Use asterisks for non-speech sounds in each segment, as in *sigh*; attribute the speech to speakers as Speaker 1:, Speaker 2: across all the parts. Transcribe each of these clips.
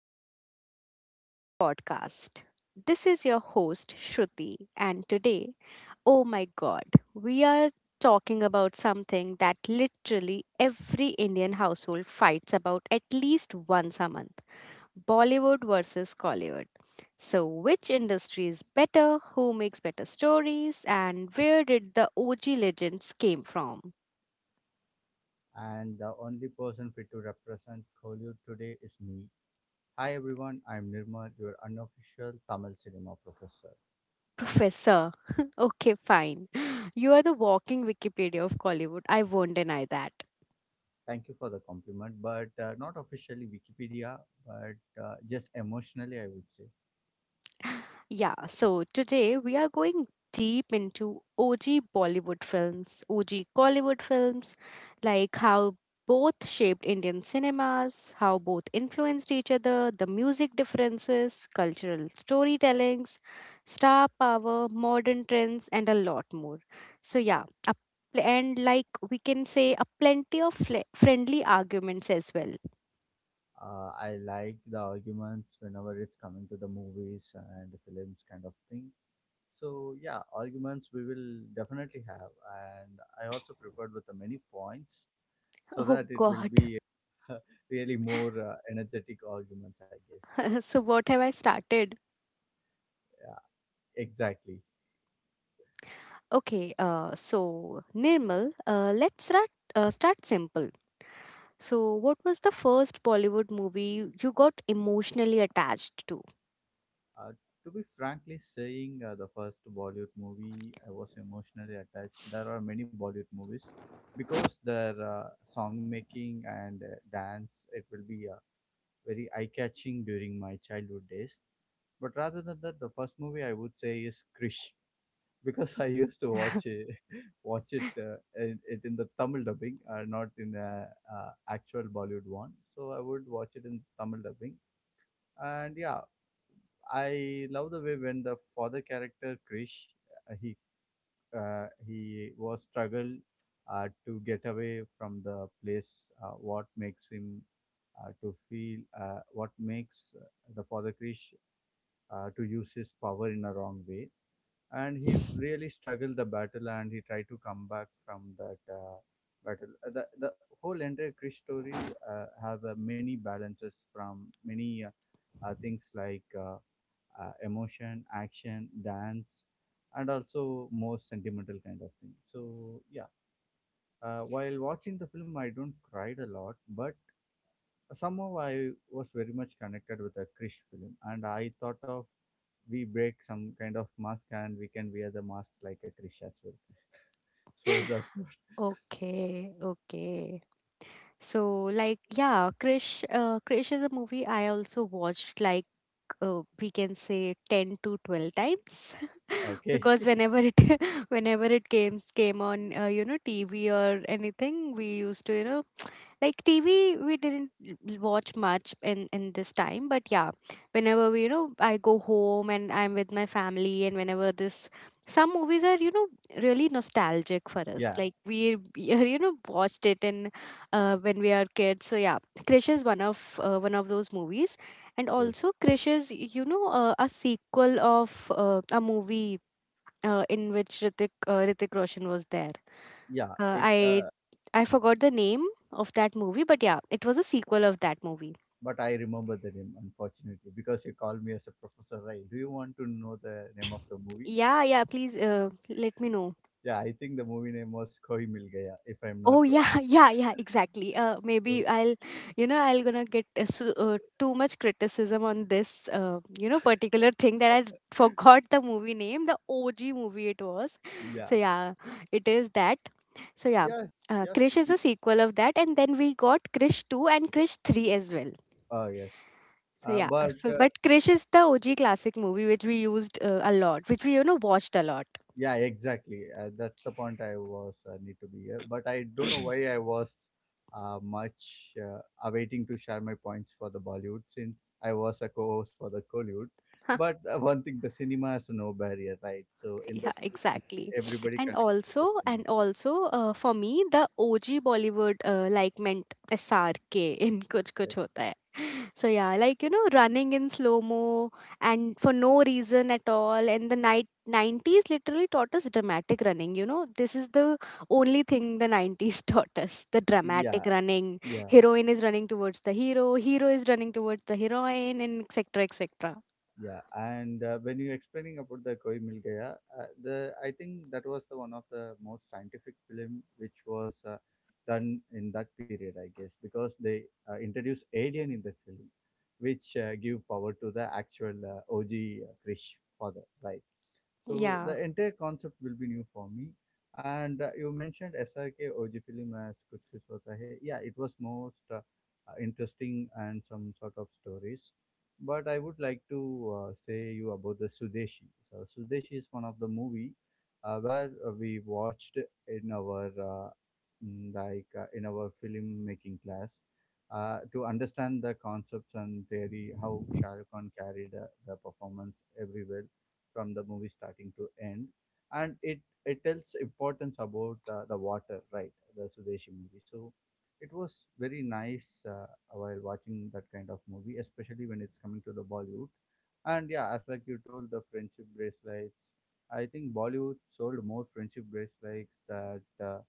Speaker 1: another episode of our podcast. This is your host, Shruti, and today, oh my god, we are talking about something that literally every Indian household fights about at least once a month Bollywood versus Collywood. So, which industry is better, who makes better stories, and where did the OG legends came from?
Speaker 2: And the only person fit to represent Kollywood today is me. Hi everyone, I'm Nirmal, your unofficial Tamil cinema professor.
Speaker 1: Professor. *laughs* Okay, fine. You are the walking Wikipedia of Kollywood. I won't deny that.
Speaker 2: Thank you for the compliment, but not officially Wikipedia, but just emotionally, I would say.
Speaker 1: Yeah, so today we are going deep into OG Bollywood films, OG Collywood films, like how both shaped Indian cinemas, how both influenced each other, the music differences, cultural storytellings, star power, modern trends, and a lot more. So, yeah, a, pl- and like we can say, a plenty of fle friendly arguments as well.
Speaker 2: I like the arguments whenever it's coming to the movies and films kind of thing. So yeah, arguments we will definitely have, and I also prepared with the many points so that
Speaker 1: Oh,
Speaker 2: it will
Speaker 1: God.
Speaker 2: be *laughs* really more energetic arguments, I guess.
Speaker 1: *laughs* So, what have I started?
Speaker 2: Yeah, exactly.
Speaker 1: Okay, so Nirmal, let's start start simple. So, what was the first Bollywood movie you got emotionally attached to?
Speaker 2: Uh, to be frankly saying, the first Bollywood movie I was emotionally attached. There are many Bollywood movies because their song making and dance it will be very eye catching during my childhood days. But rather than that, the first movie I would say is Krish. Because I used to watch
Speaker 1: *laughs*
Speaker 2: it, *laughs* watch it, it in the Tamil dubbing, not in the actual Bollywood one. So I would watch it in Tamil dubbing, and yeah, I love the way when the father character Krish, uh, he he was struggle to get away from the place. What makes him to feel? What makes the father Krish to use his power in a wrong way? And he really struggled the battle and he tried to come back from that battle. The whole entire krish story have many balances from many things like emotion action dance and also more sentimental kind of thing. So yeah, while watching the film I don't cried a lot, but somehow I was very much connected with a Krish film, and I thought of we break some kind of mask and we can wear the mask like a Krish as well. So that's what. *laughs*
Speaker 1: Okay, okay. So, like, yeah, Krish, Krish is a movie I also watched, like, we can say 10 to 12 times *laughs*
Speaker 2: Okay.
Speaker 1: because
Speaker 2: *laughs*
Speaker 1: whenever it *laughs* whenever it came on, TV or anything, we used to, you know, like TV we didn't l- watch much in this time, but yeah, whenever we, you know I go home and I'm with my family, and whenever this some movies are, you know, really nostalgic for us,
Speaker 2: Yeah.
Speaker 1: like we *laughs* are, you know watched it in when we are kids. So yeah, Krish is one of those movies. And
Speaker 2: Yes.
Speaker 1: also Krish is, you know, a sequel of a movie in which Ritik Roshan was there.
Speaker 2: Yeah.
Speaker 1: Uh,
Speaker 2: It.
Speaker 1: I I forgot the name of that movie, but yeah, it was a sequel of that movie.
Speaker 2: But I remember the name unfortunately because you called me as a professor, right? Do you want to know the name of the movie?
Speaker 1: Yeah, yeah. Please, let me know.
Speaker 2: Yeah, I think the movie name was Koi Mil Gaya, if I'm not
Speaker 1: Oh yeah,
Speaker 2: wrong.
Speaker 1: *laughs* yeah, yeah. Exactly.
Speaker 2: So
Speaker 1: Maybe I'll, you know, I'll gonna get too much criticism on this, particular thing that I *laughs*
Speaker 2: *laughs*
Speaker 1: forgot the movie name, the OG movie it was. *laughs* So
Speaker 2: yeah,
Speaker 1: yeah, it is that. So yeah,
Speaker 2: yes, yes,
Speaker 1: Krish is
Speaker 2: Shruti.
Speaker 1: a sequel of that, and then we got Krish two and Krish three as well.
Speaker 2: Yes.
Speaker 1: So yeah, *laughs*
Speaker 2: But
Speaker 1: so but Krish is the OG classic movie which we used a lot, which we, you know, watched a lot.
Speaker 2: Yeah, exactly. That's the point I was need to be here. But I don't know why I
Speaker 1: *clears throat*
Speaker 2: was much awaiting to share my points for the Bollywood since I was a co-host for the Collywood. But one thing, the cinema has no barrier, right? So in the
Speaker 1: Yeah, exactly.
Speaker 2: everybody
Speaker 1: and
Speaker 2: connected with
Speaker 1: also
Speaker 2: the cinema.
Speaker 1: and also, for me the OG Bollywood, like, meant SRK *laughs* in Kuch Kuch Hota Hai. So yeah, like, you know, running in slow mo and for no reason at all. And the night 90s literally taught us dramatic running. You know, this is the only thing the 90s *laughs* taught us, the
Speaker 2: Yeah,
Speaker 1: dramatic running.
Speaker 2: yeah.
Speaker 1: Heroine is running towards the hero, hero is running towards the heroine, and etc., etc.
Speaker 2: Yeah, and when you're explaining about the Koi Mil Gaya, the I think that was the one of the most scientific film which was done in that period, I guess, because they introduced alien in the film, which give power to the actual OG Krish father, right? So
Speaker 1: Yeah.
Speaker 2: the entire concept will be new for me. And you mentioned SRK OG film as Kuch Kuch Hota Hai. Yeah, it was most interesting and some sort of stories. But I would like to say you about the Sudeshi. So Sudeshi is one of the movie where we watched in our like in our film making class to understand the concepts and theory how Shah Rukh Khan carried the performance everywhere from the movie starting to end, and it tells importance about the water, right, the sudeshi movie. So it was very nice uh, while watching that kind of movie, especially when it's coming to the bollywood. And yeah, as like you told the friendship bracelets, I think bollywood sold more friendship bracelets that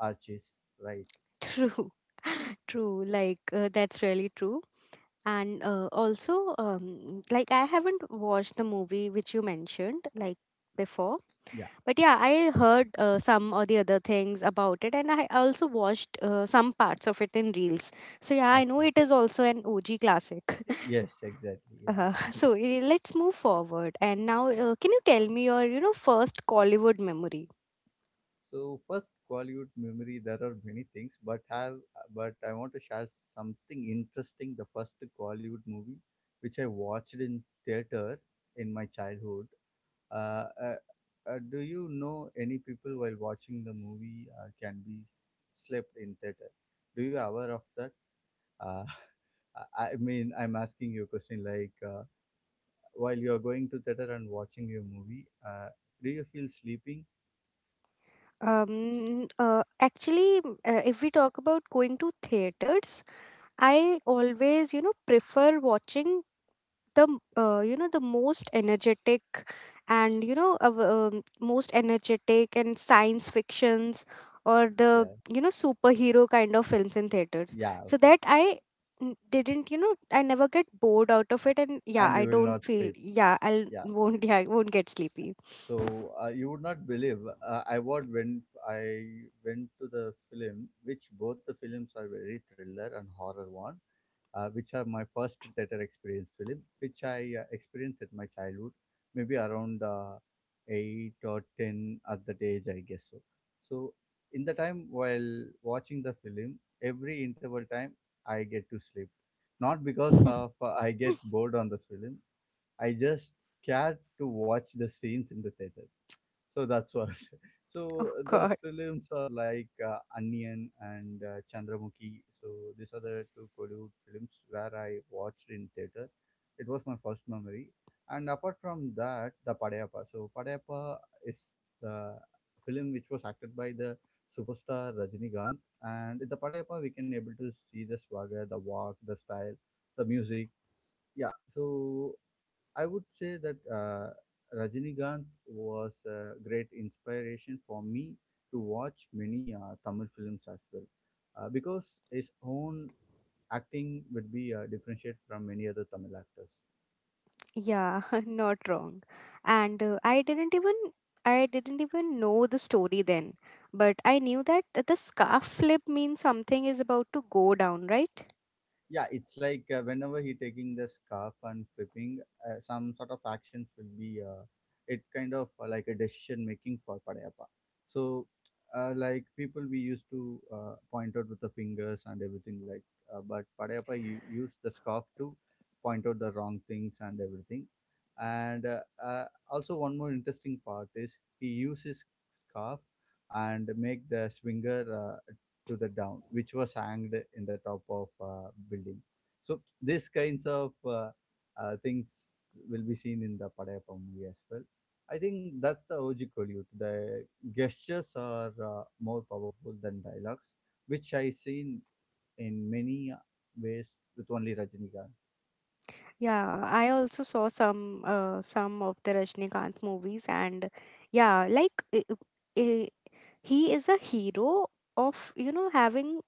Speaker 2: arches, right?
Speaker 1: True, *laughs* true. Like, that's really true. And also, like, I haven't watched the movie which you mentioned like before,
Speaker 2: Yeah,
Speaker 1: but yeah, I heard some or the other things about it, and I also watched some parts of it in reels. So yeah, I know
Speaker 2: okay.
Speaker 1: it is also an OG classic. *laughs*
Speaker 2: Yes, exactly, yeah.
Speaker 1: So let's move forward. And now, can you tell me your, you know, first Collywood memory?
Speaker 2: So first Qualyut memory, there are many things, but have but I want to share something interesting. The first Qualyut movie, which I watched in theater in my childhood. Uh, uh, do you know any people while watching the movie can be slept in theater? Do you aware of that? Uh, *laughs* I mean, I'm asking you a question like while you are going to theater and watching your movie, do you feel sleeping?
Speaker 1: Actually, if we talk about going to theaters, I always, you know, prefer watching the, m- you know, the most energetic and, you know, of, most energetic and science fictions or the,
Speaker 2: Yeah.
Speaker 1: you know, superhero kind of films in theaters.
Speaker 2: Yeah.
Speaker 1: So
Speaker 2: Okay.
Speaker 1: that I didn't, you know, I never get bored out of it. And yeah,
Speaker 2: And
Speaker 1: I
Speaker 2: you will
Speaker 1: don't
Speaker 2: not
Speaker 1: feel,
Speaker 2: sleep.
Speaker 1: yeah, I *laughs*
Speaker 2: Yeah.
Speaker 1: won't, yeah, I won't get sleepy.
Speaker 2: So you would not believe I what when I went to the film, which both the films are very thriller and horror one, which are my first theater experience film, which I experienced at my childhood, maybe around eight or ten at that age, I guess so. So in the time while watching the film, every interval time I get to sleep, not because of
Speaker 1: *laughs*
Speaker 2: I get bored on the film, I just scared to watch the scenes in the theater. So that's what. *laughs*
Speaker 1: Oh,
Speaker 2: So those
Speaker 1: God.
Speaker 2: films are like Onion and Chandramukhi. So these are the two Kollywood films where I watched in theater. It was my first memory. And apart from that, the Padayappa. So Padayappa is the film which was acted by the superstar Rajinikanth. And in the Padayappa, we can able to see the swagger, the walk, the style, the music. Yeah. So I would say that Rajinikanth was a great inspiration for me to watch many Tamil films as well, because his own acting would be differentiated from many other Tamil actors.
Speaker 1: Yeah, *laughs* not wrong. And I didn't even know the story then, but I knew that the scarf flip means something is about to go down, right?
Speaker 2: Yeah, it's like whenever he taking the scarf and flipping, some sort of actions will be it kind of like a decision making for padayappa. So like people we used to point out with the fingers and everything, like but padayappa used the scarf to point out the wrong things and everything. And also one more interesting part is he uses scarf and make the swinger to the down, which was hanged in the top of building. So these kinds of things will be seen in the Padayappa movie as well. I think that's the OG Kollywood. The gestures are more powerful than dialogues, which I seen in many ways with only Rajinikanth.
Speaker 1: Yeah, I also saw some of the Rajnikanth movies, and yeah, like I he is a hero of, you know, having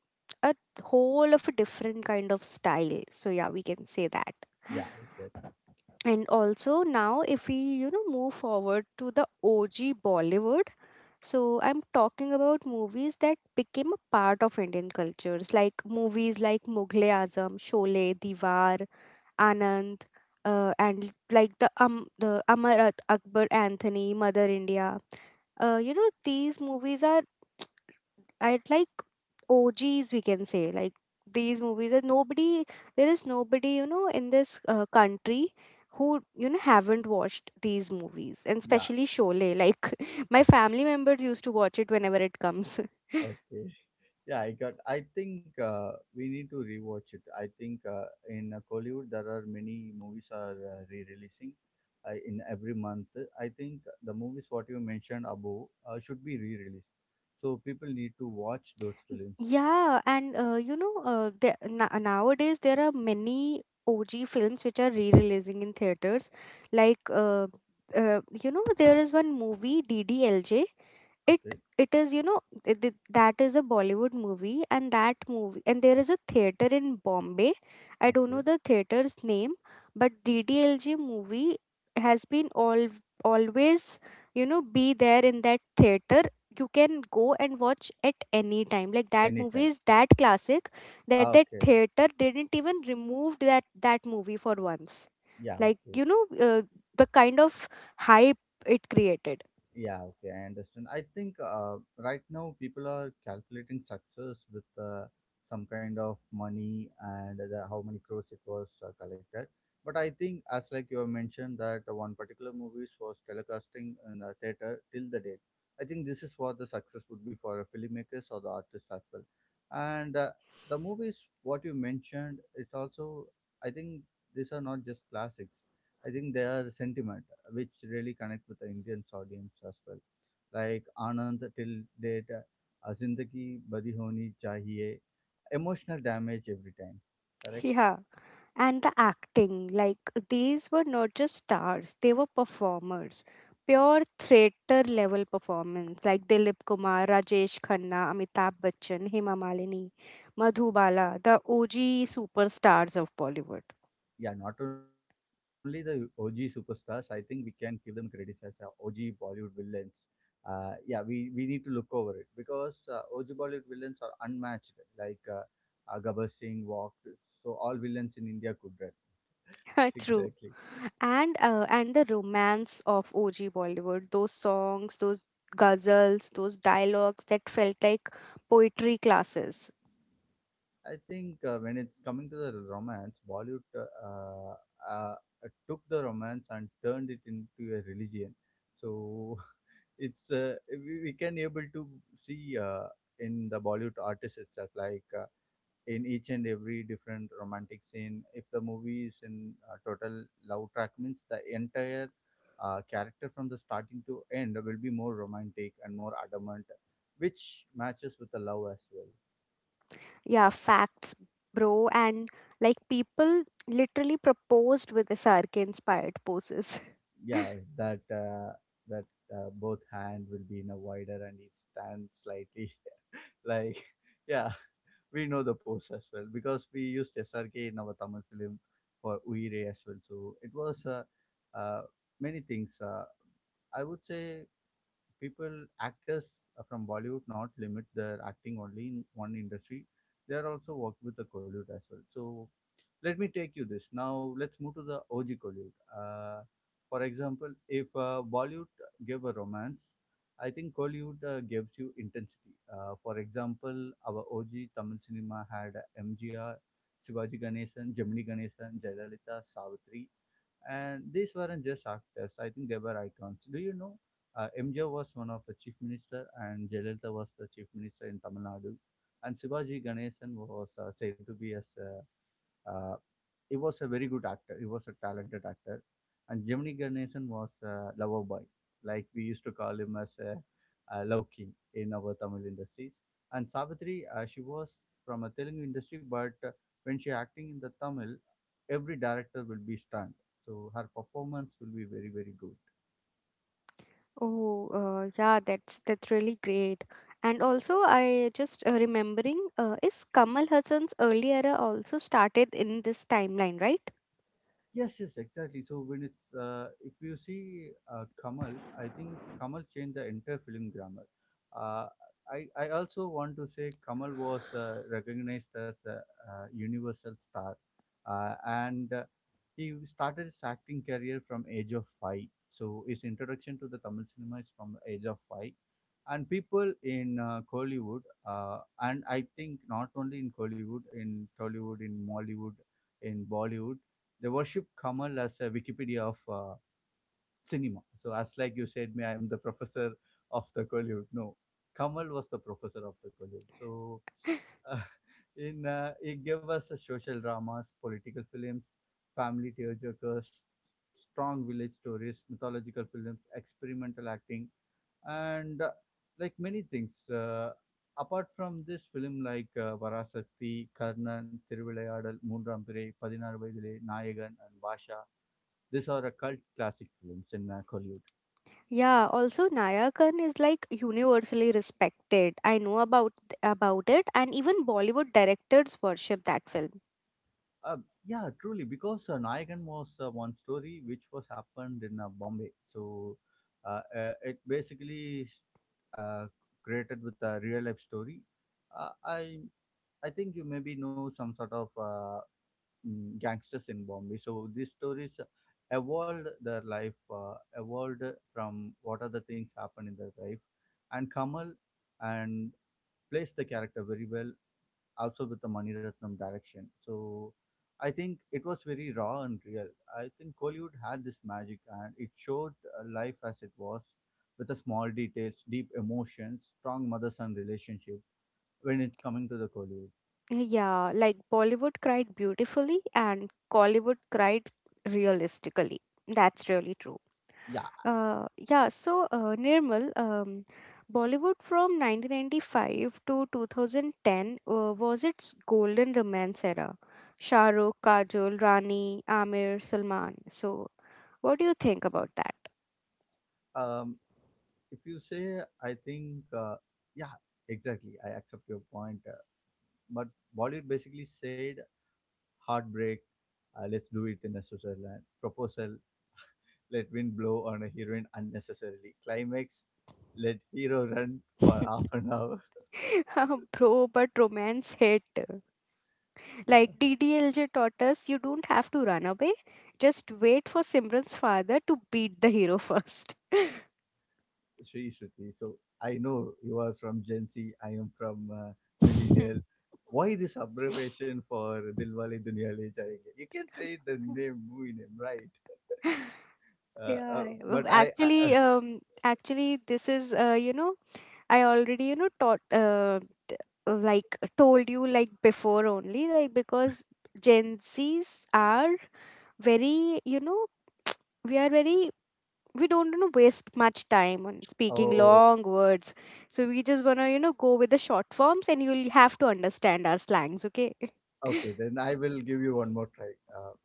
Speaker 1: a whole of a different kind of style. So yeah, we can say that.
Speaker 2: Yeah, exactly.
Speaker 1: And also now if we, you know, move forward to the OG Bollywood, so I'm talking about movies that became a part of Indian cultures, like movies like Mughal-e Azam, Sholay, Diwar, Anand, and like the Amar Akbar Anthony, Mother India. You know, these movies are, I'd like OGs, we can say, like, these movies that nobody, there is nobody, you know, in this country who, you know, haven't watched these movies, and
Speaker 2: Yeah,
Speaker 1: especially Sholay. Like, *laughs* my family members used to watch it whenever it comes.
Speaker 2: okay. Yeah, I got. I think we need to rewatch it. I think in Kollywood there are many movies are re-releasing in every month. I think the movies what you mentioned above should be re-released. So people need to watch those films.
Speaker 1: Yeah, and you know, the, na nowadays there are many OG films which are re-releasing in theaters. Like, you know, there is one movie, DDLJ. it
Speaker 2: Okay,
Speaker 1: it is, you know, that is a Bollywood movie, and that movie, and there is a theater in Bombay. I don't know
Speaker 2: okay,
Speaker 1: the theater's name, but DDLJ movie has been all always, you know, be there in that theater. You can go and watch at any time. Like, that movie
Speaker 2: anytime.
Speaker 1: is that classic. That,
Speaker 2: Ah,
Speaker 1: that
Speaker 2: okay,
Speaker 1: theater didn't even remove that, that movie for once.
Speaker 2: yeah,
Speaker 1: Like,
Speaker 2: okay.
Speaker 1: you know, uh, the kind of hype it created.
Speaker 2: Yeah, okay, I understand. I think right now people are calculating success with some kind of money and the, how many crores it was collected. But I think, as like you have mentioned, that one particular movies was telecasting in the theater till the date. I think this is what the success would be for filmmakers or the artists as well. And the movies, what you mentioned, it's also I think these are not just classics. I think they are sentiments which really connect with the Indians audience as well. Like Anand till date, Zindagi Badi Honi Chahiye, emotional damage every time. Correct?
Speaker 1: Yeah, and the acting, like, these were not just stars, they were performers. Pure theater level performance, like Dilip Kumar, Rajesh Khanna, Amitabh Bachchan, Hema Malini, Madhubala, the OG superstars of Bollywood.
Speaker 2: Yeah, not only the OG superstars, I think we can give them credit as OG Bollywood villains. Yeah, we need to look over it because OG Bollywood villains are unmatched. Like Gabbar Singh walked, so all villains in India could run. *laughs*
Speaker 1: *laughs* True.
Speaker 2: Exactly.
Speaker 1: And the romance of OG Bollywood, those songs, those guzzles, those dialogues that felt like poetry classes.
Speaker 2: I think when it's coming to the romance, Bollywood uh, took the romance and turned it into a religion. So *laughs* it's we can able to see in the Bollywood artists itself, like in each and every different romantic scene. If the movie is in total love track, means the entire character from the starting to end will be more romantic and more adamant, which matches with the love as well.
Speaker 1: Yeah, facts, bro, and like, people literally proposed with SRK inspired poses. *laughs*
Speaker 2: Yeah, that that both hand will be in a wider and each stand slightly *laughs* like yeah, we know the pose as well because we used SRK in our Tamil film for Uire as well. So it was uh, many things I would say people actors from Bollywood not limit their acting only in one industry, they are also worked with the Kollywood as well. So let me take you this, now let's move to the og Kollywood. uh, for example if bollywood gave a romance, I think Kollywood gives you intensity. For example, our og tamil cinema had mgr, shivaji ganesan, gemini ganesan, jayalalitha, savitri, and these weren't just actors, I think they were icons. Do you know mgr was one of the chief minister and jayalalitha was the chief minister in tamil nadu? And Shivaji Ganesan was said to be as a uh, he was a very good actor. He was a talented actor, and Gemini Ganesan was a lover boy, like we used to call him as a love king in our Tamil industries. And Savitri, she was from a Telugu industry, but when she acting in the Tamil, every director will be stunned. So her performance will be very very good.
Speaker 1: Oh, yeah, that's really great. And also, I just remembering, is Kamal Hassan's early era also started in this timeline, right?
Speaker 2: Yes, yes, exactly. So when it's if you see Kamal, I think Kamal changed the entire film grammar. Uh, I also want to say Kamal was recognized as a universal star, and he started his acting career from age of five. So his introduction to the Tamil cinema is from the age of five, and people in Kollywood, and I think not only in Kollywood, in Tollywood, in Mollywood, in Bollywood they worship Kamal as a Wikipedia of cinema. So as like you said, me I am the professor of the Kollywood. No, Kamal was the professor of the Kollywood. So uh, *laughs* in it gave us a social dramas, political films, family tearjerkers, strong village stories, mythological films, experimental acting, and like many things apart from this film like varasakti karnan thiruvilayadal moonrampirai 16 vayadile nayagan and basha, these are a cult classic films in Kollywood.
Speaker 1: Yeah, also Naya Khan is like universally respected. I know about it, and even Bollywood directors worship that film.
Speaker 2: Uh, yeah, truly, because Nayagan was one story which was happened in Bombay. So it basically uh, created with a real life story. Uh, I I think you maybe know some sort of gangsters in Bombay. So these stories evolved their life, evolved from what are the things happen in their life, and Kamal and plays the character very well, also with the Mani Ratnam direction. So I think it was very raw and real. I think Kollywood had this magic, and it showed life as it was, with the small details, deep emotions, strong mother-son relationship. When it's coming to the Kollywood,
Speaker 1: Yeah, like Bollywood cried beautifully and Collywood cried realistically. That's really true.
Speaker 2: yeah.
Speaker 1: Yeah, so Nirmal, Bollywood from 1995 to 2010 was its golden romance era. Shah Rukh, Kajol, Rani, Amir, Salman. So, what do you think about that?
Speaker 2: Um, If you say, I think, yeah, exactly. I accept your point. But Bollywood basically said, heartbreak, let's do it in a Switzerland. Proposal, let wind blow on a heroine unnecessarily. Climax, let hero run for *laughs* half an hour. *laughs*
Speaker 1: *laughs* Bro, but romance hit.
Speaker 2: Yeah,
Speaker 1: Like DDLJ taught us, you don't have to run away. Just wait for Simran's father to beat the hero first.
Speaker 2: Sri Shruti. So I know you are from Gen Z. I am from millennial.
Speaker 1: *laughs*
Speaker 2: Why this abbreviation for Dilwale Duniya Le Jayenge? You can say the name movie name, right?
Speaker 1: Yeah,
Speaker 2: But I.
Speaker 1: actually, actually, this is, I already, you know, taught like told you like before only, like, because Gen Z's are very, you know, we are very, we don't, you know, waste much time on speaking
Speaker 2: Oh,
Speaker 1: long words. So we just wanna, you know, go with the short forms, and you'll have to understand our slangs. Okay. *laughs*
Speaker 2: okay. Then I will give you one more try. Uh,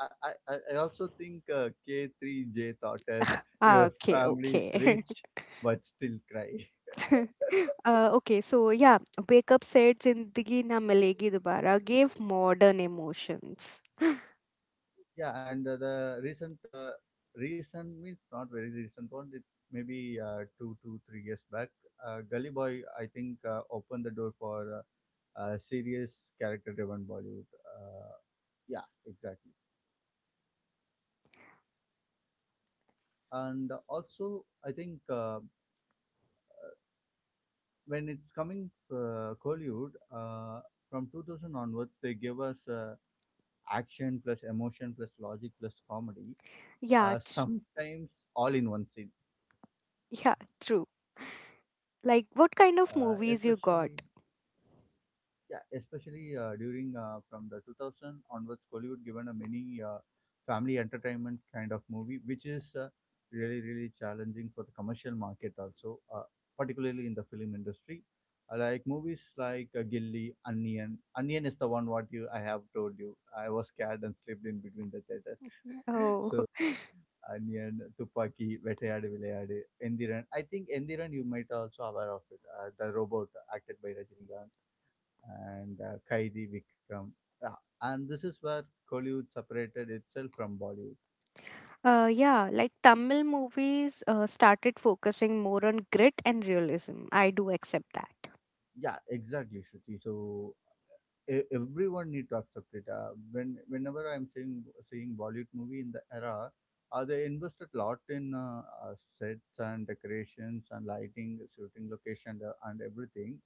Speaker 2: I, I, I also think K3J taught us your
Speaker 1: Okay.
Speaker 2: family is
Speaker 1: Okay.
Speaker 2: rich, but still cry. *laughs*
Speaker 1: *laughs* Okay. So yeah, wake up said "Zindagi na milegi dobara" gave modern emotions.
Speaker 2: Yeah, and the recent, recent means not very recent one. It maybe 3 years back. Gully Boy, I think, opened the door for serious character-driven Bollywood. Yeah, exactly. And also, I think. When it's coming Kollywood, from 2000 onwards, they give us action plus emotion plus logic plus comedy,
Speaker 1: Yeah.
Speaker 2: *laughs*
Speaker 1: Tr-
Speaker 2: sometimes all in one scene.
Speaker 1: yeah. True. Like what kind of
Speaker 2: Especially
Speaker 1: movies you got?
Speaker 2: Yeah, especially during from the 2000 onwards, Kollywood given a many family entertainment kind of movie, which is really really challenging for the commercial market also, particularly in the film industry. Like movies like Gilli, Onion. Onion is the one what you I have told you. I was scared and slept in between the theater. *laughs*
Speaker 1: Oh,
Speaker 2: So Onion, Tupaki, Vettayadu Vilayadu, Endiran. I think Endiran you might also aware of it. The robot acted by Rajinikanth and Kaidi Vikram. Yeah, and this is where Kollywood separated itself from Bollywood.
Speaker 1: *laughs* yeah, like Tamil movies started focusing more on grit and realism. I do accept that.
Speaker 2: Yeah, exactly, Shruti. So everyone need to accept it. Whenever I'm seeing Bollywood movie in the era, they invested a lot in sets and decorations and lighting, shooting location, and everything.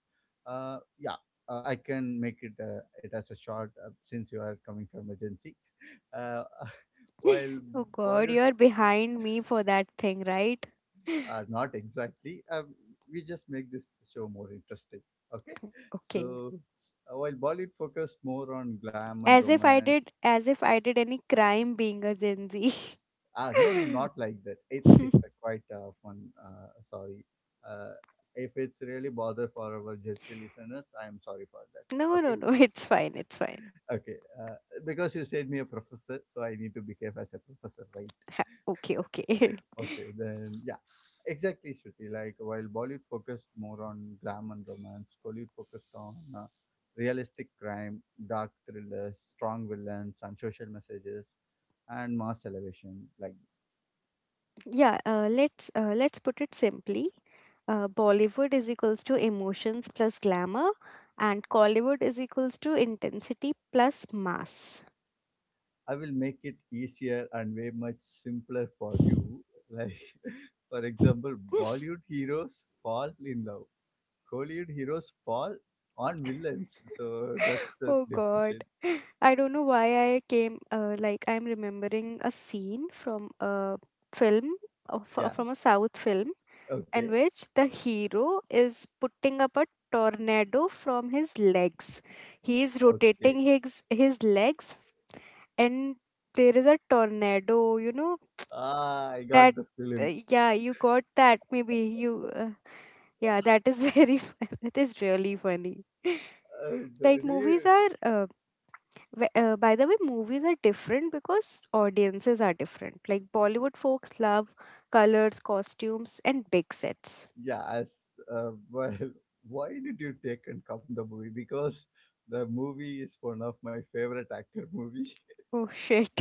Speaker 2: Yeah. I can make it as a short since you are coming from agency. *laughs* Uh, *laughs* while
Speaker 1: Oh God,
Speaker 2: Bollywood
Speaker 1: you're behind me for that thing, right? *laughs*
Speaker 2: Not exactly. We just make this show more interesting. Okay.
Speaker 1: Okay.
Speaker 2: So while Bollywood focused more on glam and
Speaker 1: As if I
Speaker 2: romance,
Speaker 1: did, as if I did any crime being a Gen Z.
Speaker 2: ah, no, no,
Speaker 1: *laughs*
Speaker 2: not like that. It's a quite fun. Sorry. Uh, if it's really bother for our Jetsi listeners, I am sorry for that.
Speaker 1: No, no,
Speaker 2: Okay.
Speaker 1: no. It's fine. It's fine.
Speaker 2: Okay. Because you said me a professor, so I need to behave as a professor, right?
Speaker 1: Ha, okay, okay. *laughs*
Speaker 2: Okay, then yeah, exactly, Shruti. Like while Bollywood focused more on glam and romance, Kollywood focused on realistic crime, dark thrillers, strong villains, and social messages, and mass elevation. Like
Speaker 1: Yeah. Let's put it simply. Bollywood is equals to emotions plus glamour, and Collywood is equals to intensity plus mass.
Speaker 2: I will make it easier and way much simpler for you. Like *laughs* for example,
Speaker 1: *laughs*
Speaker 2: Bollywood heroes fall in love. Kollywood heroes fall on villains. So that's the
Speaker 1: Oh
Speaker 2: differentiate.
Speaker 1: God. I don't know why like, I'm remembering a scene from a film,
Speaker 2: Yeah.
Speaker 1: from a South film, in
Speaker 2: Okay.
Speaker 1: which the hero is putting up a tornado from his legs. He is
Speaker 2: Okay.
Speaker 1: rotating his legs, and there is a tornado, you know,
Speaker 2: Ah, I got
Speaker 1: that,
Speaker 2: the film.
Speaker 1: yeah, you got that. Maybe yeah, that is *laughs* very fun. That is really funny.
Speaker 2: Uh, do,
Speaker 1: Like,
Speaker 2: do
Speaker 1: movies
Speaker 2: you?
Speaker 1: are. By the way, movies are different because audiences are different. Like, Bollywood folks love colors, costumes, and big sets.
Speaker 2: Yes. Well, *laughs* why did you take and come the movie? Because the movie is one of my favorite actor *laughs* movie.
Speaker 1: Oh shit.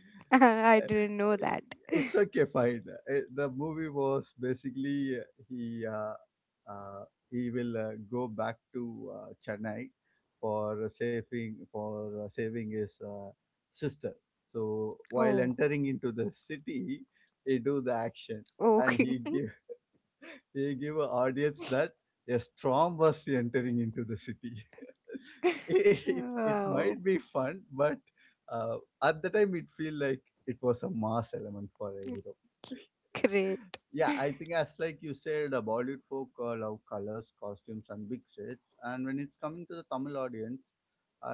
Speaker 1: *laughs* I didn't
Speaker 2: *laughs*
Speaker 1: know that.
Speaker 2: It's okay, fine. The movie was basically uh, he will go back to Chennai for saving his sister. So while
Speaker 1: Oh,
Speaker 2: entering into the city, he do the action, and
Speaker 1: okay.
Speaker 2: he give *laughs* he gave a audience that a storm was entering into the city. *laughs*
Speaker 1: *laughs*
Speaker 2: It
Speaker 1: Wow.
Speaker 2: might be fun, but uh, at the time it feel like it was a mass element for a hero.
Speaker 1: Great.
Speaker 2: Yeah, I think as like you said, the Bollywood folk love colors, costumes, and big sets, and when it's coming to the Tamil audience,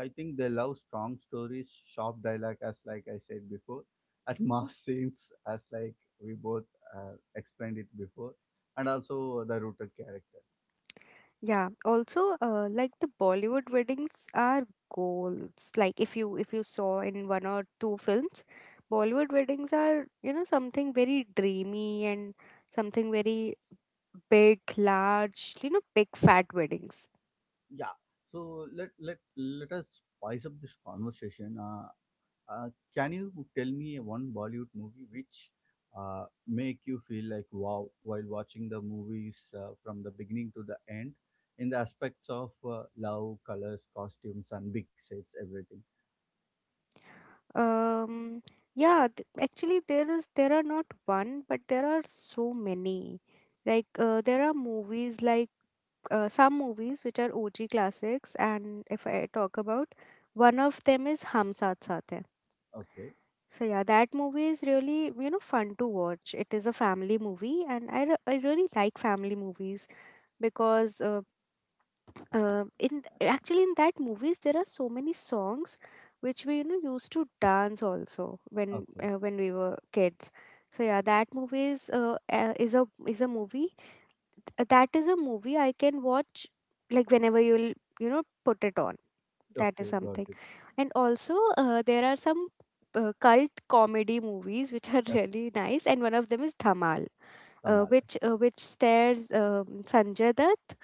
Speaker 2: I think they love strong stories, sharp dialogue, as like I said before, *laughs* and mass scenes, as like we both uh, explained it before, and also the rooted character.
Speaker 1: Yeah, also, like, the Bollywood weddings are goals. Like, if you, saw in one or two films, Bollywood weddings are, you know, something very dreamy, and something very big, large, you know, big fat weddings.
Speaker 2: Yeah, so let let let us spice up this conversation. Uh, can you tell me one Bollywood movie which make you feel like wow while watching the movies from the beginning to the end in the aspects of love, colors, costumes, and big sets, everything?
Speaker 1: Um, yeah, actually, there are not one, but there are so many. Like, there are movies like some movies which are OG classics, and if I talk about one of them is Hum Saath Saath Hai.
Speaker 2: Okay,
Speaker 1: So yeah, that movie is really, you know, fun to watch. It is a family movie, and I really like family movies because in actually in that movies there are so many songs which we used to dance also
Speaker 2: okay,
Speaker 1: when we were kids. So yeah, that movie is a movie that is a movie I can watch like whenever you'll put it on. That
Speaker 2: okay,
Speaker 1: is
Speaker 2: got
Speaker 1: something.
Speaker 2: it.
Speaker 1: And also there are some cult comedy movies which are *laughs*
Speaker 2: F.
Speaker 1: really nice, and one of them is Dhamal,
Speaker 2: Tamala.
Speaker 1: which stars Sanjay Dutt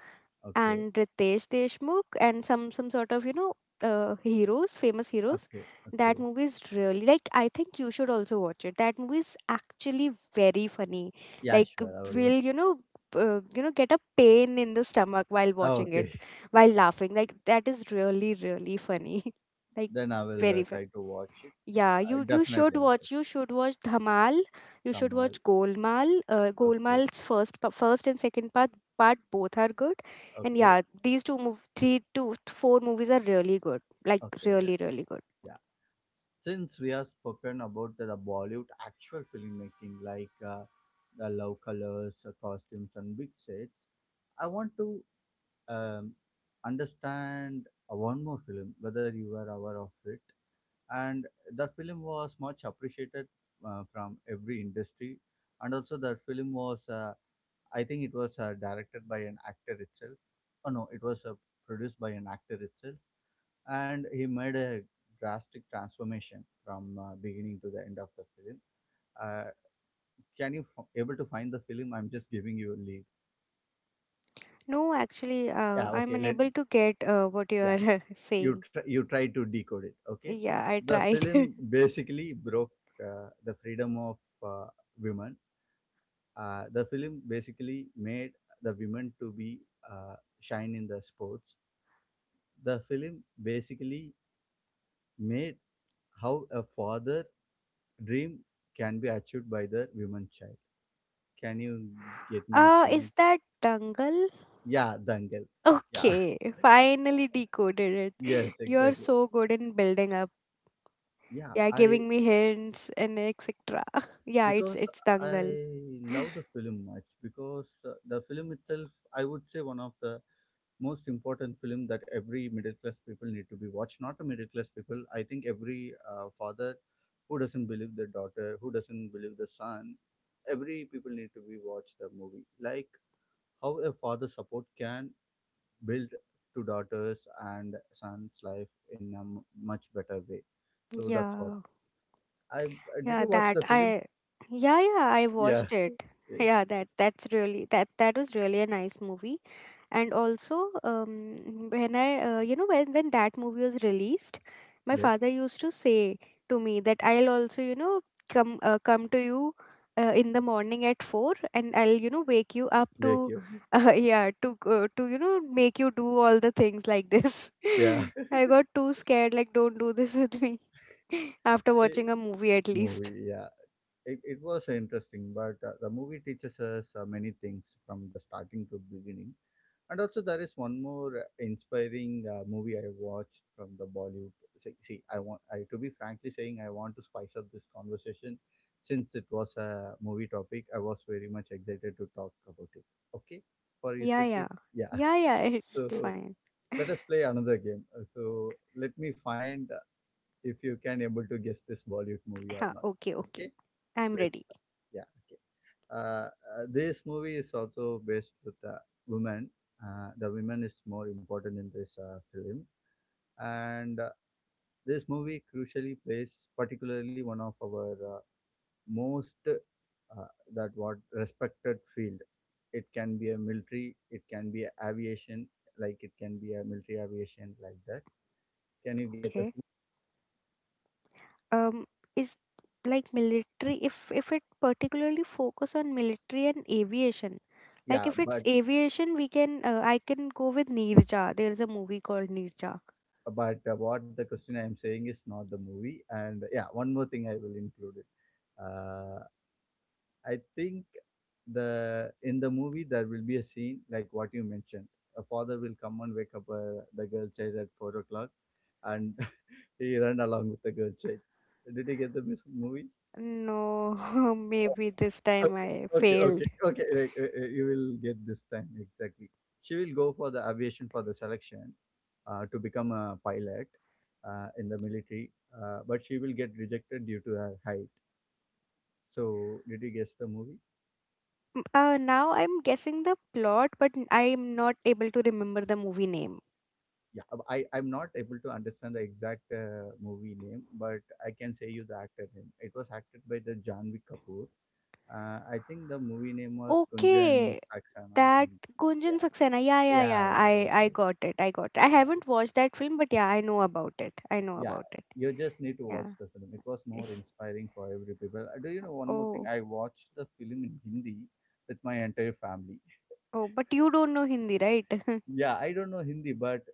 Speaker 2: Okay,
Speaker 1: and Ritesh Deshmukh and some sort of heroes, famous heroes.
Speaker 2: okay,
Speaker 1: That
Speaker 2: okay.
Speaker 1: movie is really, like, I think you should also watch it. That movie is actually very funny.
Speaker 2: Yeah,
Speaker 1: Like,
Speaker 2: sure, I will watch.
Speaker 1: will you know get a pain in the stomach while
Speaker 2: Oh,
Speaker 1: watching it,
Speaker 2: okay,
Speaker 1: while laughing. Like, that is really really funny. *laughs*
Speaker 2: *laughs*
Speaker 1: Like,
Speaker 2: then I will
Speaker 1: very funny.
Speaker 2: try to watch it.
Speaker 1: Yeah,
Speaker 2: I
Speaker 1: you should
Speaker 2: definitely I will watch.
Speaker 1: watch. You should watch Dhamal. You should
Speaker 2: Tamal.
Speaker 1: watch Golmaal.
Speaker 2: Okay,
Speaker 1: Golmaal's first and second part part both are good, and
Speaker 2: okay,
Speaker 1: yeah, three to four movies are really good. Like,
Speaker 2: okay. Then.
Speaker 1: really really good.
Speaker 2: Yeah. Since we have spoken about the Bollywood actual filmmaking, like the love colors, costumes, and big sets, I want to um, understand one more film, whether you were aware of it. And the film was much appreciated from every industry, and also the film was, I think, it was directed by an actor itself. Oh no, it was produced by an actor itself, and he made a drastic transformation from beginning to the end of the film. Uh, can you able to find the film? I'm just giving you a lead.
Speaker 1: No, actually,
Speaker 2: Yeah,
Speaker 1: I'm
Speaker 2: okay. Let
Speaker 1: unable to get what you
Speaker 2: Yeah,
Speaker 1: are *laughs*
Speaker 2: you
Speaker 1: saying.
Speaker 2: try you try to decode it. Okay,
Speaker 1: Yeah, I
Speaker 2: the
Speaker 1: tried.
Speaker 2: film basically broke the freedom of uh, women. The film basically made the women to be shine in the sports. The film basically made how a father dream can be achieved by the woman child. Can you get
Speaker 1: *laughs*
Speaker 2: my
Speaker 1: Is
Speaker 2: point?
Speaker 1: that Dangal? *laughs*
Speaker 2: Yeah, Dangal. Yeah.
Speaker 1: Okay,
Speaker 2: *laughs*
Speaker 1: finally decoded it.
Speaker 2: Yes,
Speaker 1: *laughs* You're
Speaker 2: exactly.
Speaker 1: so good in building up.
Speaker 2: Yeah,
Speaker 1: Yeah,
Speaker 2: I
Speaker 1: giving me hints and etc. *laughs* Yeah, it's
Speaker 2: because
Speaker 1: Dangal.
Speaker 2: I
Speaker 1: *gasps*
Speaker 2: love the film much because the film itself, I would say one of the most important film that every middle class people need to be watched. Not a middle class people, I think every father who doesn't believe the daughter, who doesn't believe the son, every people need to be watch the movie, like how a father support can build to daughters and son's life in a much better way.
Speaker 1: *laughs*
Speaker 2: So that's what
Speaker 1: Yeah,
Speaker 2: I did
Speaker 1: yeah
Speaker 2: you watch the
Speaker 1: that I
Speaker 2: film?
Speaker 1: yeah, yeah, I
Speaker 2: Yeah
Speaker 1: watched
Speaker 2: *laughs*
Speaker 1: it.
Speaker 2: okay.
Speaker 1: Yeah, that was really a nice movie. And also, when I you know when that movie was released, my
Speaker 2: Yes,
Speaker 1: father used to say to me that I'll also come come to you in the morning at 4, and I'll wake you up
Speaker 2: wake
Speaker 1: to
Speaker 2: you
Speaker 1: *laughs* yeah, to make you do all the things like this.
Speaker 2: *laughs* yeah *laughs*
Speaker 1: *laughs* I got too scared, like, don't do this with me. *laughs* After
Speaker 2: Eh,
Speaker 1: watching a movie, at least.
Speaker 2: movie yeah. It was interesting, but the movie teaches us many things from the starting to beginning. And also, there is one more inspiring movie I watched from the Bollywood. See, see, I want I to be frankly saying I want to spice up this conversation since it was a movie topic. I was very much excited to talk about it. Okay, for you,
Speaker 1: Yeah, yeah.
Speaker 2: Shruti. Yeah.
Speaker 1: Yeah,
Speaker 2: *laughs*
Speaker 1: yeah, it's
Speaker 2: So
Speaker 1: fine. *laughs*
Speaker 2: let us play another game. So let me find if you can able to guess this Bollywood movie or
Speaker 1: Yeah,
Speaker 2: not.
Speaker 1: okay, okay,
Speaker 2: Okay.
Speaker 1: I'm
Speaker 2: Let's
Speaker 1: ready.
Speaker 2: start. Yeah. Okay. Uh, this movie is also based with women. The women is more important in this film, and this movie crucially plays particularly one of our most that what respected field. It can be a military. It can be a aviation. Like it can be a military aviation like that. Can you get the?
Speaker 1: Okay. Um, is like military, if it particularly focus on military and aviation, like,
Speaker 2: Yeah,
Speaker 1: if it's
Speaker 2: but
Speaker 1: aviation, we can I can go with Nirja. There is a movie called Nirja.
Speaker 2: what the question I am saying is not the movie. And yeah, one more thing I will include it. Uh, I think the in the movie there will be a scene like what you mentioned. A father will come and wake up the girl child at 4 o'clock, and *laughs* he run along with the girl child. Did you get the movie?
Speaker 1: No, *laughs* maybe this time
Speaker 2: Okay,
Speaker 1: I
Speaker 2: okay,
Speaker 1: failed.
Speaker 2: okay, okay. right, right, Right, You will get this time exactly. She will go for the aviation for the selection to become a pilot in the military, but she will get rejected due to her height. So, did you guess the movie?
Speaker 1: Now I'm guessing the plot, but I'm not able to remember the movie name.
Speaker 2: Yeah, I'm not able to understand the exact movie name, but I can say you the actor name. It was acted by the Janvi Kapoor. I think the movie name was Kunjan
Speaker 1: Okay,
Speaker 2: Saksana
Speaker 1: that.
Speaker 2: something.
Speaker 1: Gunjan
Speaker 2: Yeah,
Speaker 1: Saxena, yeah, yeah,
Speaker 2: yeah,
Speaker 1: yeah,
Speaker 2: yeah, yeah,
Speaker 1: I
Speaker 2: exactly.
Speaker 1: got it, I got it. I
Speaker 2: Yeah.
Speaker 1: haven't watched that film, but yeah, I know about it, I know
Speaker 2: Yeah,
Speaker 1: about it.
Speaker 2: you just need to watch
Speaker 1: Yeah.
Speaker 2: the film. It was
Speaker 1: *laughs*
Speaker 2: more inspiring for every people. Do you know one more thing?
Speaker 1: Oh.
Speaker 2: I watched the film in Hindi with my entire family.
Speaker 1: Oh, but you don't know Hindi, right? *laughs*
Speaker 2: Yeah, I don't know Hindi, but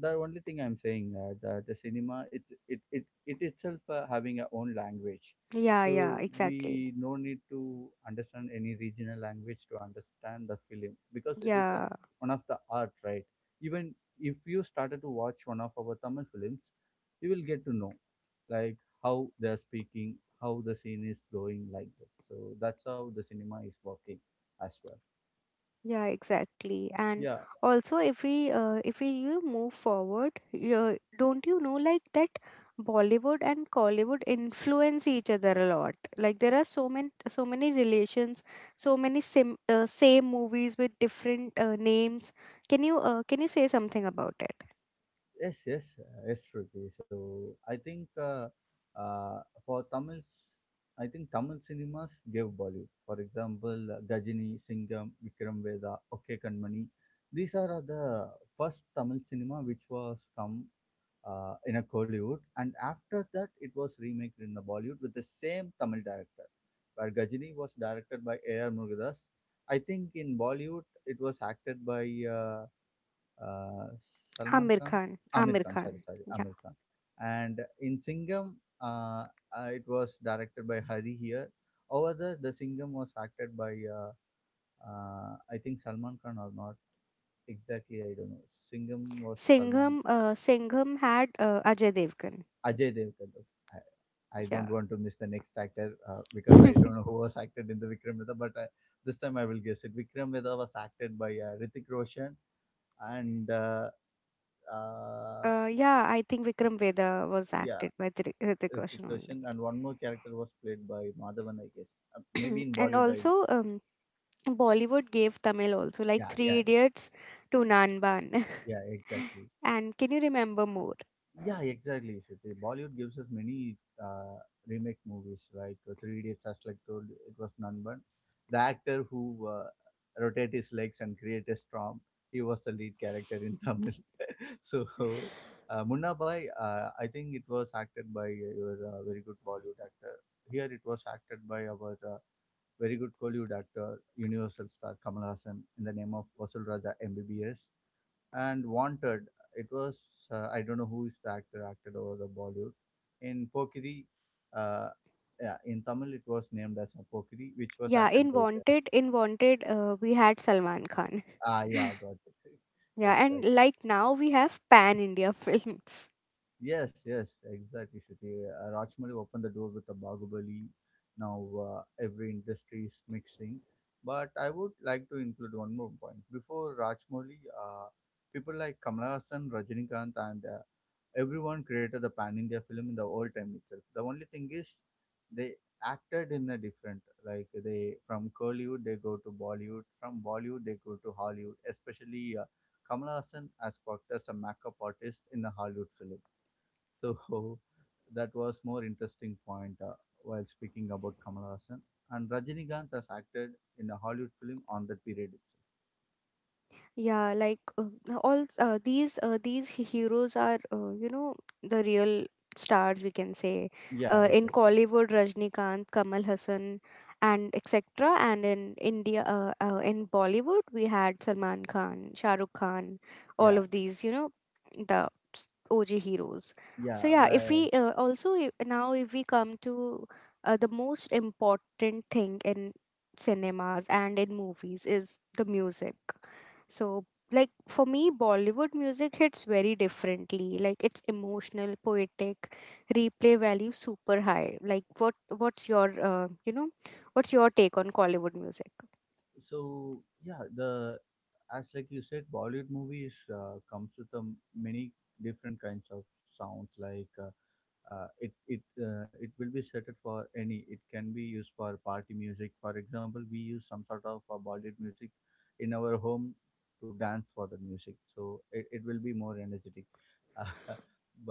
Speaker 2: the only thing I'm saying the cinema it's it it it itself having a own language,
Speaker 1: Yeah, yeah,
Speaker 2: so
Speaker 1: exactly.
Speaker 2: we no need to understand any regional language to understand the film because it is a
Speaker 1: Yeah,
Speaker 2: one of the art, right? Even if you started to watch one of our Tamil films, you will get to know like how they are speaking, how the scene is going like that. So that's how the cinema is working as well.
Speaker 1: yeah, exactly. And
Speaker 2: Yeah,
Speaker 1: also, if we move forward, don't you know, like that Bollywood and Collywood influence each other a lot. Like, there are so many relations, so many sim same movies with different names. Can you say something about it?
Speaker 2: yes, yes, yes, Shruti. So I think uh, for Tamils, I think Tamil cinemas gave Bollywood. For example, Gajini, Singham, Vikram Veda, OK Kanmani. These are the first Tamil cinema which was come in a Kollywood, and after that it was remade in the Bollywood with the same Tamil director, where Gajini was directed by A.R. Murugadas. I think in Bollywood it was acted by uh, Salman
Speaker 1: Amir
Speaker 2: Khan,
Speaker 1: Khan,
Speaker 2: Amir
Speaker 1: Amir
Speaker 2: Khan. Sorry,
Speaker 1: Khan.
Speaker 2: sorry,
Speaker 1: Yeah.
Speaker 2: Amir Khan. And in Singham, uh, it was directed by Hari here. Over there, the Singham was acted by I think Salman Khan or not exactly. I don't know. Singham was Salman
Speaker 1: Singham, Singham had Ajay Devgan.
Speaker 2: Ajay Devgan. Okay. I don't
Speaker 1: Yeah.
Speaker 2: want to miss the next actor because I don't know
Speaker 1: *laughs*
Speaker 2: who was acted in the Vikram Vedha, but this time I will guess it. Vikram Vedha was acted by Ritik Roshan and uh,
Speaker 1: Yeah, I think Vikram Vedha was
Speaker 2: yeah,
Speaker 1: acted by Hrithik
Speaker 2: Hrithik
Speaker 1: Roshan
Speaker 2: Roshan,
Speaker 1: only.
Speaker 2: and one more character was played by Madhavan, I guess. Maybe in
Speaker 1: *clears throat* And
Speaker 2: Bollywood, I do.
Speaker 1: also, Bollywood gave Tamil also, like
Speaker 2: Yeah,
Speaker 1: Three
Speaker 2: yeah,
Speaker 1: Idiots to Nanban.
Speaker 2: yeah, exactly.
Speaker 1: *laughs* And can you remember more?
Speaker 2: Yeah, exactly, Shruti. Bollywood gives us many uh, remake movies, like Three Idiots, as like told, it was none but the actor who rotate his legs and create a storm. He was the lead character in Tamil. *laughs* So, Munna Bhai, I think it was acted by your very good Bollywood actor. Here it was acted by our very good Kollywood actor, Universal star Kamal Hassan in the name of Vasul Raja MBBS. And Wanted, it was, I don't know who is the actor acted over the Bollywood. In Pokiri, uh, yeah, in Tamil it was named as a Pokiri, which was
Speaker 1: Yeah,
Speaker 2: acted by the,
Speaker 1: In Wanted, we had Salman Khan.
Speaker 2: ah, yeah, I got it. *laughs*
Speaker 1: Yeah, and
Speaker 2: Exactly.
Speaker 1: like now we have Pan India *laughs* films.
Speaker 2: Yes, yes, exactly, Shruti. Rajmouli opened the door with a Bahubali. Now every industry is mixing. But I would like to include one more point. Before Rajmouli, uh, people like Kamal Hassan, Rajinikanth, and everyone created the Pan India film in the old time itself. The only thing is they acted in a different, like they from Kollywood they go to Bollywood, from Bollywood they go to Hollywood. Especially Kamal Hassan has worked as a makeup artist in a Hollywood film so *laughs* that was more interesting point while speaking about Kamal Hassan. And Rajinikanth has acted in a Hollywood film on that period itself.
Speaker 1: Yeah, all these heroes are, you know, the real stars, we can say,
Speaker 2: Yeah,
Speaker 1: in
Speaker 2: exactly.
Speaker 1: Kollywood, Rajnikant, Kamal Hassan and etc. And in India, in Bollywood, we had Salman Khan, Shah Rukh Khan, all
Speaker 2: Yeah,
Speaker 1: of these, you know, the O G heroes. So
Speaker 2: yeah.
Speaker 1: yeah, if
Speaker 2: Where
Speaker 1: we also I- now if we come to the most important thing in cinemas and in movies is the music. So, like, for me, Bollywood music hits very differently. Like, it's emotional, poetic, replay value super high. Like, what's your take on Collywood music?
Speaker 2: so yeah, the as like you said, Bollywood movies comes with many different kinds of sounds like. It will be set it for any it can be used for party music, for example, we use some sort of bollywood music in our home to dance for the music, so it will be more energetic. *laughs* Uh,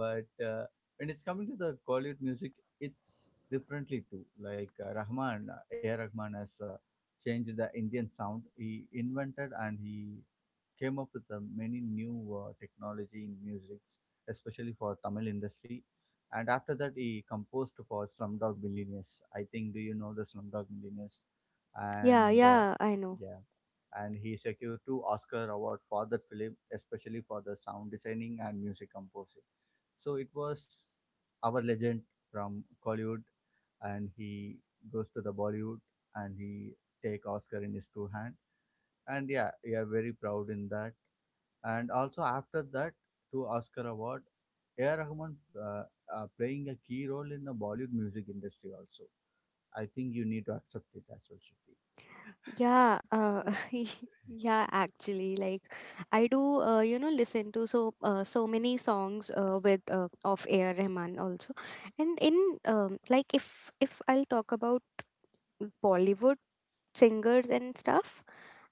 Speaker 2: but when it's coming to the Kollywood music, it's differently too. Like Rahman, A. R. Rahman has changed the Indian sound. He invented and he came up with many new technology in musics, especially for Tamil industry. And after that, he composed for Slumdog Millionaires. I think, do you know the Slumdog Millionaires?
Speaker 1: Yeah,
Speaker 2: And
Speaker 1: yeah, I know.
Speaker 2: yeah, and he secured two Oscar award for that film, especially for the sound designing and music composing. So it was our legend from Collywood, and he goes to the Bollywood and he take Oscar in his two hand. And yeah, we are very proud in that. And also after that, to Oscar Award, A.R. Rahman playing a key role in the Bollywood music industry also. I think you need to accept it as well, Shruti. *laughs*
Speaker 1: Yeah, *laughs* yeah, actually, like, I do, listen to so many songs with of A.R. Rahman also, and in like, if I'll talk about Bollywood singers and stuff,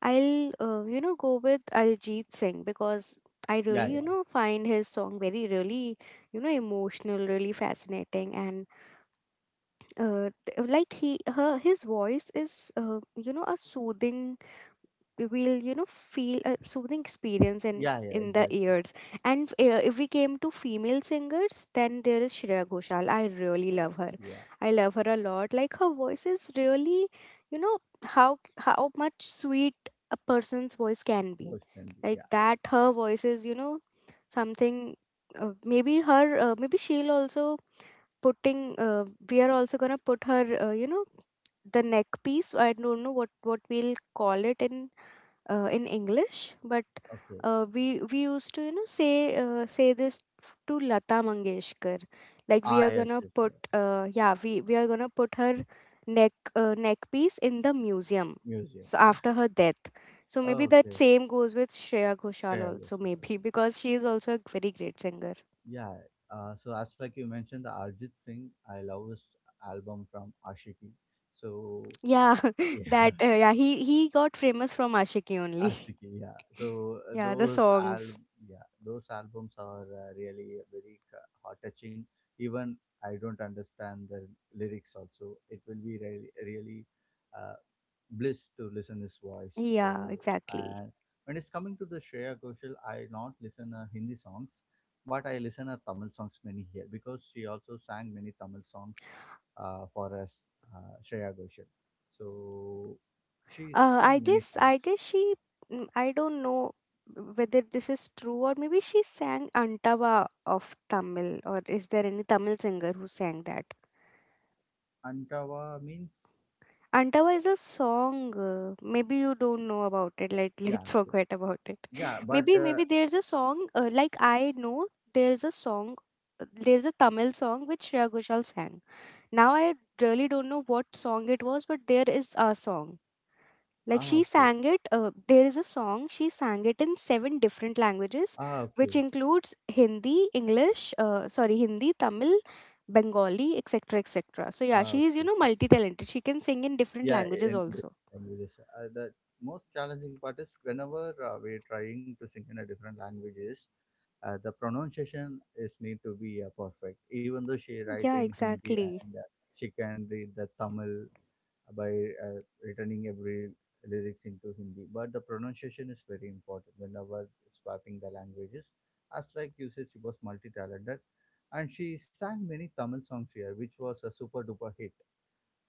Speaker 1: I'll go with Arijit Singh because I really
Speaker 2: Yeah, yeah,
Speaker 1: find his song very, really, emotional, really fascinating, and t- like he her his voice is, you know, a soothing, will feel a soothing experience
Speaker 2: yeah,
Speaker 1: in the
Speaker 2: exactly.
Speaker 1: ears. And if we came to female singers, then there is Shreya Ghoshal. I really love her,
Speaker 2: Yeah,
Speaker 1: I love her a lot. Like, her voice is really, you know, how how much sweet a person's voice can be.
Speaker 2: voice can be.
Speaker 1: Like
Speaker 2: Yeah,
Speaker 1: that, her voice is, you know, something. Maybe she'll also putting, uh, we are also going to put her, uh, you know the neck piece, I don't know what we'll call it in English, but
Speaker 2: okay.
Speaker 1: we used to, you know, say, say this to Lata Mangeshkar, like,
Speaker 2: Ah,
Speaker 1: we are
Speaker 2: yes,
Speaker 1: gonna
Speaker 2: yes, yeah.
Speaker 1: put yeah, we are gonna put her neck, neck piece in the museum.
Speaker 2: Museum.
Speaker 1: So
Speaker 2: Yeah.
Speaker 1: after her death, so maybe that
Speaker 2: Okay.
Speaker 1: same goes with Shreya Ghoshal
Speaker 2: Share go,
Speaker 1: also,
Speaker 2: sure.
Speaker 1: maybe, *laughs* because she is also a very great singer.
Speaker 2: Yeah. So as like you mentioned, the Arjit Singh, I love his album from Ashiki. So
Speaker 1: Yeah,
Speaker 2: *laughs*
Speaker 1: *laughs*
Speaker 2: yeah,
Speaker 1: that yeah, he got famous from Ashiki only. *laughs*
Speaker 2: Aashiqui, yeah. So
Speaker 1: Yeah, the
Speaker 2: those al
Speaker 1: songs.
Speaker 2: yeah, those albums are really very heart touching. Even I don't understand the lyrics also. It will be really really uh, bliss to listen his voice.
Speaker 1: Yeah,
Speaker 2: So
Speaker 1: exactly.
Speaker 2: and when it's coming to the Shreya Ghoshal, I not listen Hindi songs, but I listen Tamil songs many here because she also sang many Tamil songs for us, Shreya Ghoshal. So she
Speaker 1: Uh,
Speaker 2: sang
Speaker 1: I
Speaker 2: many
Speaker 1: guess I
Speaker 2: songs.
Speaker 1: guess she, I don't know whether this is true, or maybe she sang Antava of Tamil, or is there any Tamil singer who sang that?
Speaker 2: Antawa means
Speaker 1: Antava is a song. Maybe you don't know about it. Like, *laughs*
Speaker 2: yeah,
Speaker 1: let's
Speaker 2: okay.
Speaker 1: forget about it.
Speaker 2: Yeah, but
Speaker 1: Maybe, maybe there's a song, like, I know there's a song, there's a Tamil song which Shreya Ghoshal sang. Now I really don't know what song it was, but there is a song. Like,
Speaker 2: ah,
Speaker 1: she
Speaker 2: okay.
Speaker 1: sang it, there is a song, she sang it in seven different languages,
Speaker 2: Ah,
Speaker 1: which
Speaker 2: okay.
Speaker 1: includes Hindi, English, sorry, Hindi, Tamil, Bengali, etc. etc. So, yeah,
Speaker 2: Ah,
Speaker 1: she is, you
Speaker 2: okay.
Speaker 1: know,
Speaker 2: Got it.
Speaker 1: multi talented. She can sing in different
Speaker 2: Yeah,
Speaker 1: languages
Speaker 2: in
Speaker 1: also.
Speaker 2: different languages. The most challenging part is whenever we're trying to sync in a different languages, the pronunciation is need to be perfect. Even though she write
Speaker 1: Yeah,
Speaker 2: in Hindi
Speaker 1: exactly.
Speaker 2: and she can read the Tamil by returning every lyrics into Hindi. But the pronunciation is very important whenever swapping the languages. As like you said, she was multi-talented, and she sang many Tamil songs here, which was a super duper hit.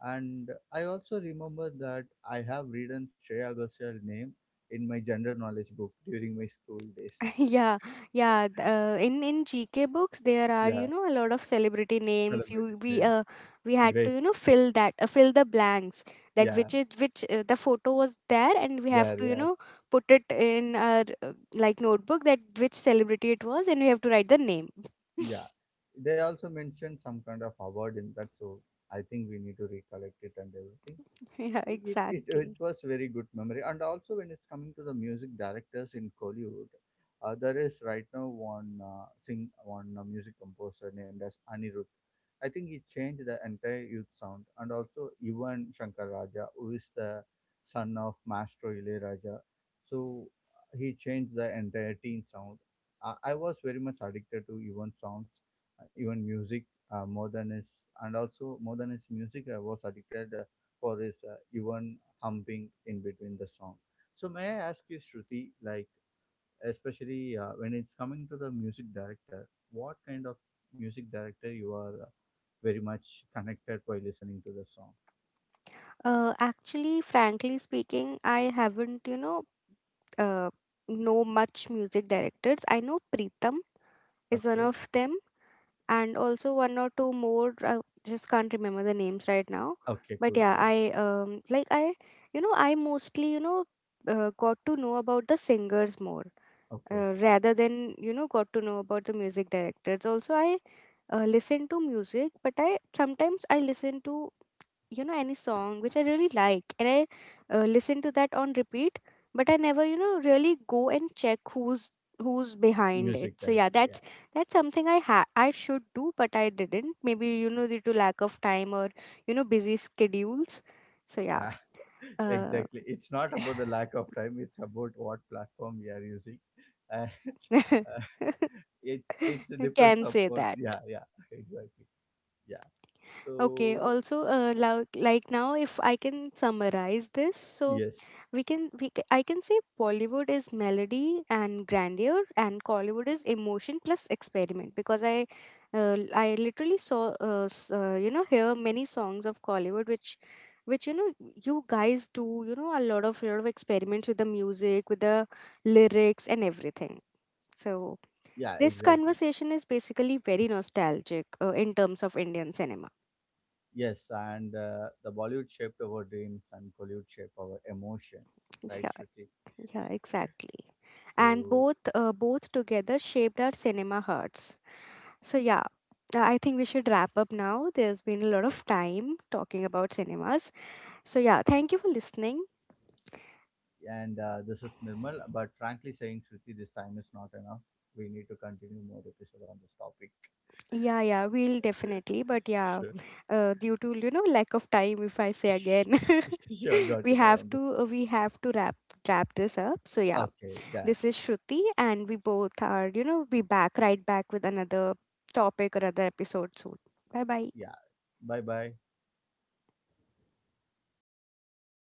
Speaker 2: And I also remember that I have written Shreya Ghoshal name in my general knowledge book during my school days.
Speaker 1: *laughs* Yeah, yeah. th-
Speaker 2: *laughs*
Speaker 1: Uh, in in GK books, there are, you
Speaker 2: Yeah,
Speaker 1: know, a lot of celebrity names.
Speaker 2: celebrities'
Speaker 1: You we
Speaker 2: names.
Speaker 1: We had to,
Speaker 2: Great.
Speaker 1: you know, fill that, fill the blanks, that
Speaker 2: Yeah,
Speaker 1: which is which the photo was there, and we have
Speaker 2: there.
Speaker 1: to, you
Speaker 2: Yeah,
Speaker 1: know, put it in our, like, notebook that which celebrity it was, and we have to write the name.
Speaker 2: yeah, they also mentioned some kind of award in that, so I think we need to recollect it and everything
Speaker 1: *laughs* Yeah,
Speaker 2: it
Speaker 1: exactly.
Speaker 2: was very good memory, and also when it's coming to the music directors in Kollywood there is right now one music composer named as Anirudh. I think he changed the entire youth sound, and also even Shankar Raja, who is the son of Maestro Ilayaraja, so he changed the entire teen sound. I was very much addicted to even songs, even music, more than his, and also more than his music I was addicted for this even humping in between the song. So may I ask you, Shruti, like especially when it's coming to the music director, what kind of music director you are very much connected by listening to the song?
Speaker 1: Actually, frankly speaking, I haven't, you know, uh, know much music directors. I know Pritam is one
Speaker 2: Okay,
Speaker 1: of them, and also one or two more, I just can't remember the names right now.
Speaker 2: okay,
Speaker 1: But
Speaker 2: cool,
Speaker 1: yeah,
Speaker 2: cool.
Speaker 1: I mostly, you know, got to know about the singers more,
Speaker 2: Okay,
Speaker 1: rather than, you know, got to know about the music directors. Also, I listen to music, but I sometimes I listen to, you know, any song which I really like, and I listen to that on repeat. But I never, you know, really go and check who's who's behind it.
Speaker 2: music
Speaker 1: So yeah,
Speaker 2: director, yeah.
Speaker 1: that's something I ha I should do, but I didn't. Maybe, you know, due to lack of time or, you know, busy schedules. So yeah,
Speaker 2: Ah, *laughs*
Speaker 1: uh,
Speaker 2: exactly, it's not about the lack of time, it's about what platform we are using, *laughs* and uh, it's
Speaker 1: *laughs*
Speaker 2: depends
Speaker 1: can say
Speaker 2: upon
Speaker 1: that.
Speaker 2: yeah yeah *laughs* exactly yeah
Speaker 1: Okay,
Speaker 2: so
Speaker 1: also, like now, if I can summarize this, so
Speaker 2: yes
Speaker 1: we I can say Bollywood is melody and grandeur, and Collywood is emotion plus experiment, because I I literally saw, uh, hear many songs of Collywood, which, you know, you guys do, you know, a lot of experiments with the music, with the lyrics and everything. So
Speaker 2: yeah
Speaker 1: this
Speaker 2: exactly
Speaker 1: conversation is basically very nostalgic in terms of Indian cinema.
Speaker 2: yes, and the bollywood shaped our dreams and collywood shaped our emotions,
Speaker 1: *laughs*
Speaker 2: right
Speaker 1: Yeah.
Speaker 2: Shruti?
Speaker 1: Yeah, exactly. And
Speaker 2: So
Speaker 1: both together shaped our cinema hearts. So yeah, I think we should wrap up now. There's been a lot of time talking about cinemas. So yeah, thank you for listening.
Speaker 2: and this is Nirmal, but frankly saying Shruti this time is not enough, we need to continue more episode on this topic.
Speaker 1: Yeah, yeah, we'll definitely. But yeah,
Speaker 2: Sure.
Speaker 1: due to, you know, lack of time, if I say
Speaker 2: Sh-
Speaker 1: again,
Speaker 2: *laughs* sure,
Speaker 1: *laughs*
Speaker 2: got it, I understand.
Speaker 1: we have to wrap this up. So yeah,
Speaker 2: Okay, done.
Speaker 1: this is Shruti, and we both are, you know, be back right back with another topic or other episode soon. Bye bye.
Speaker 2: Yeah, bye bye.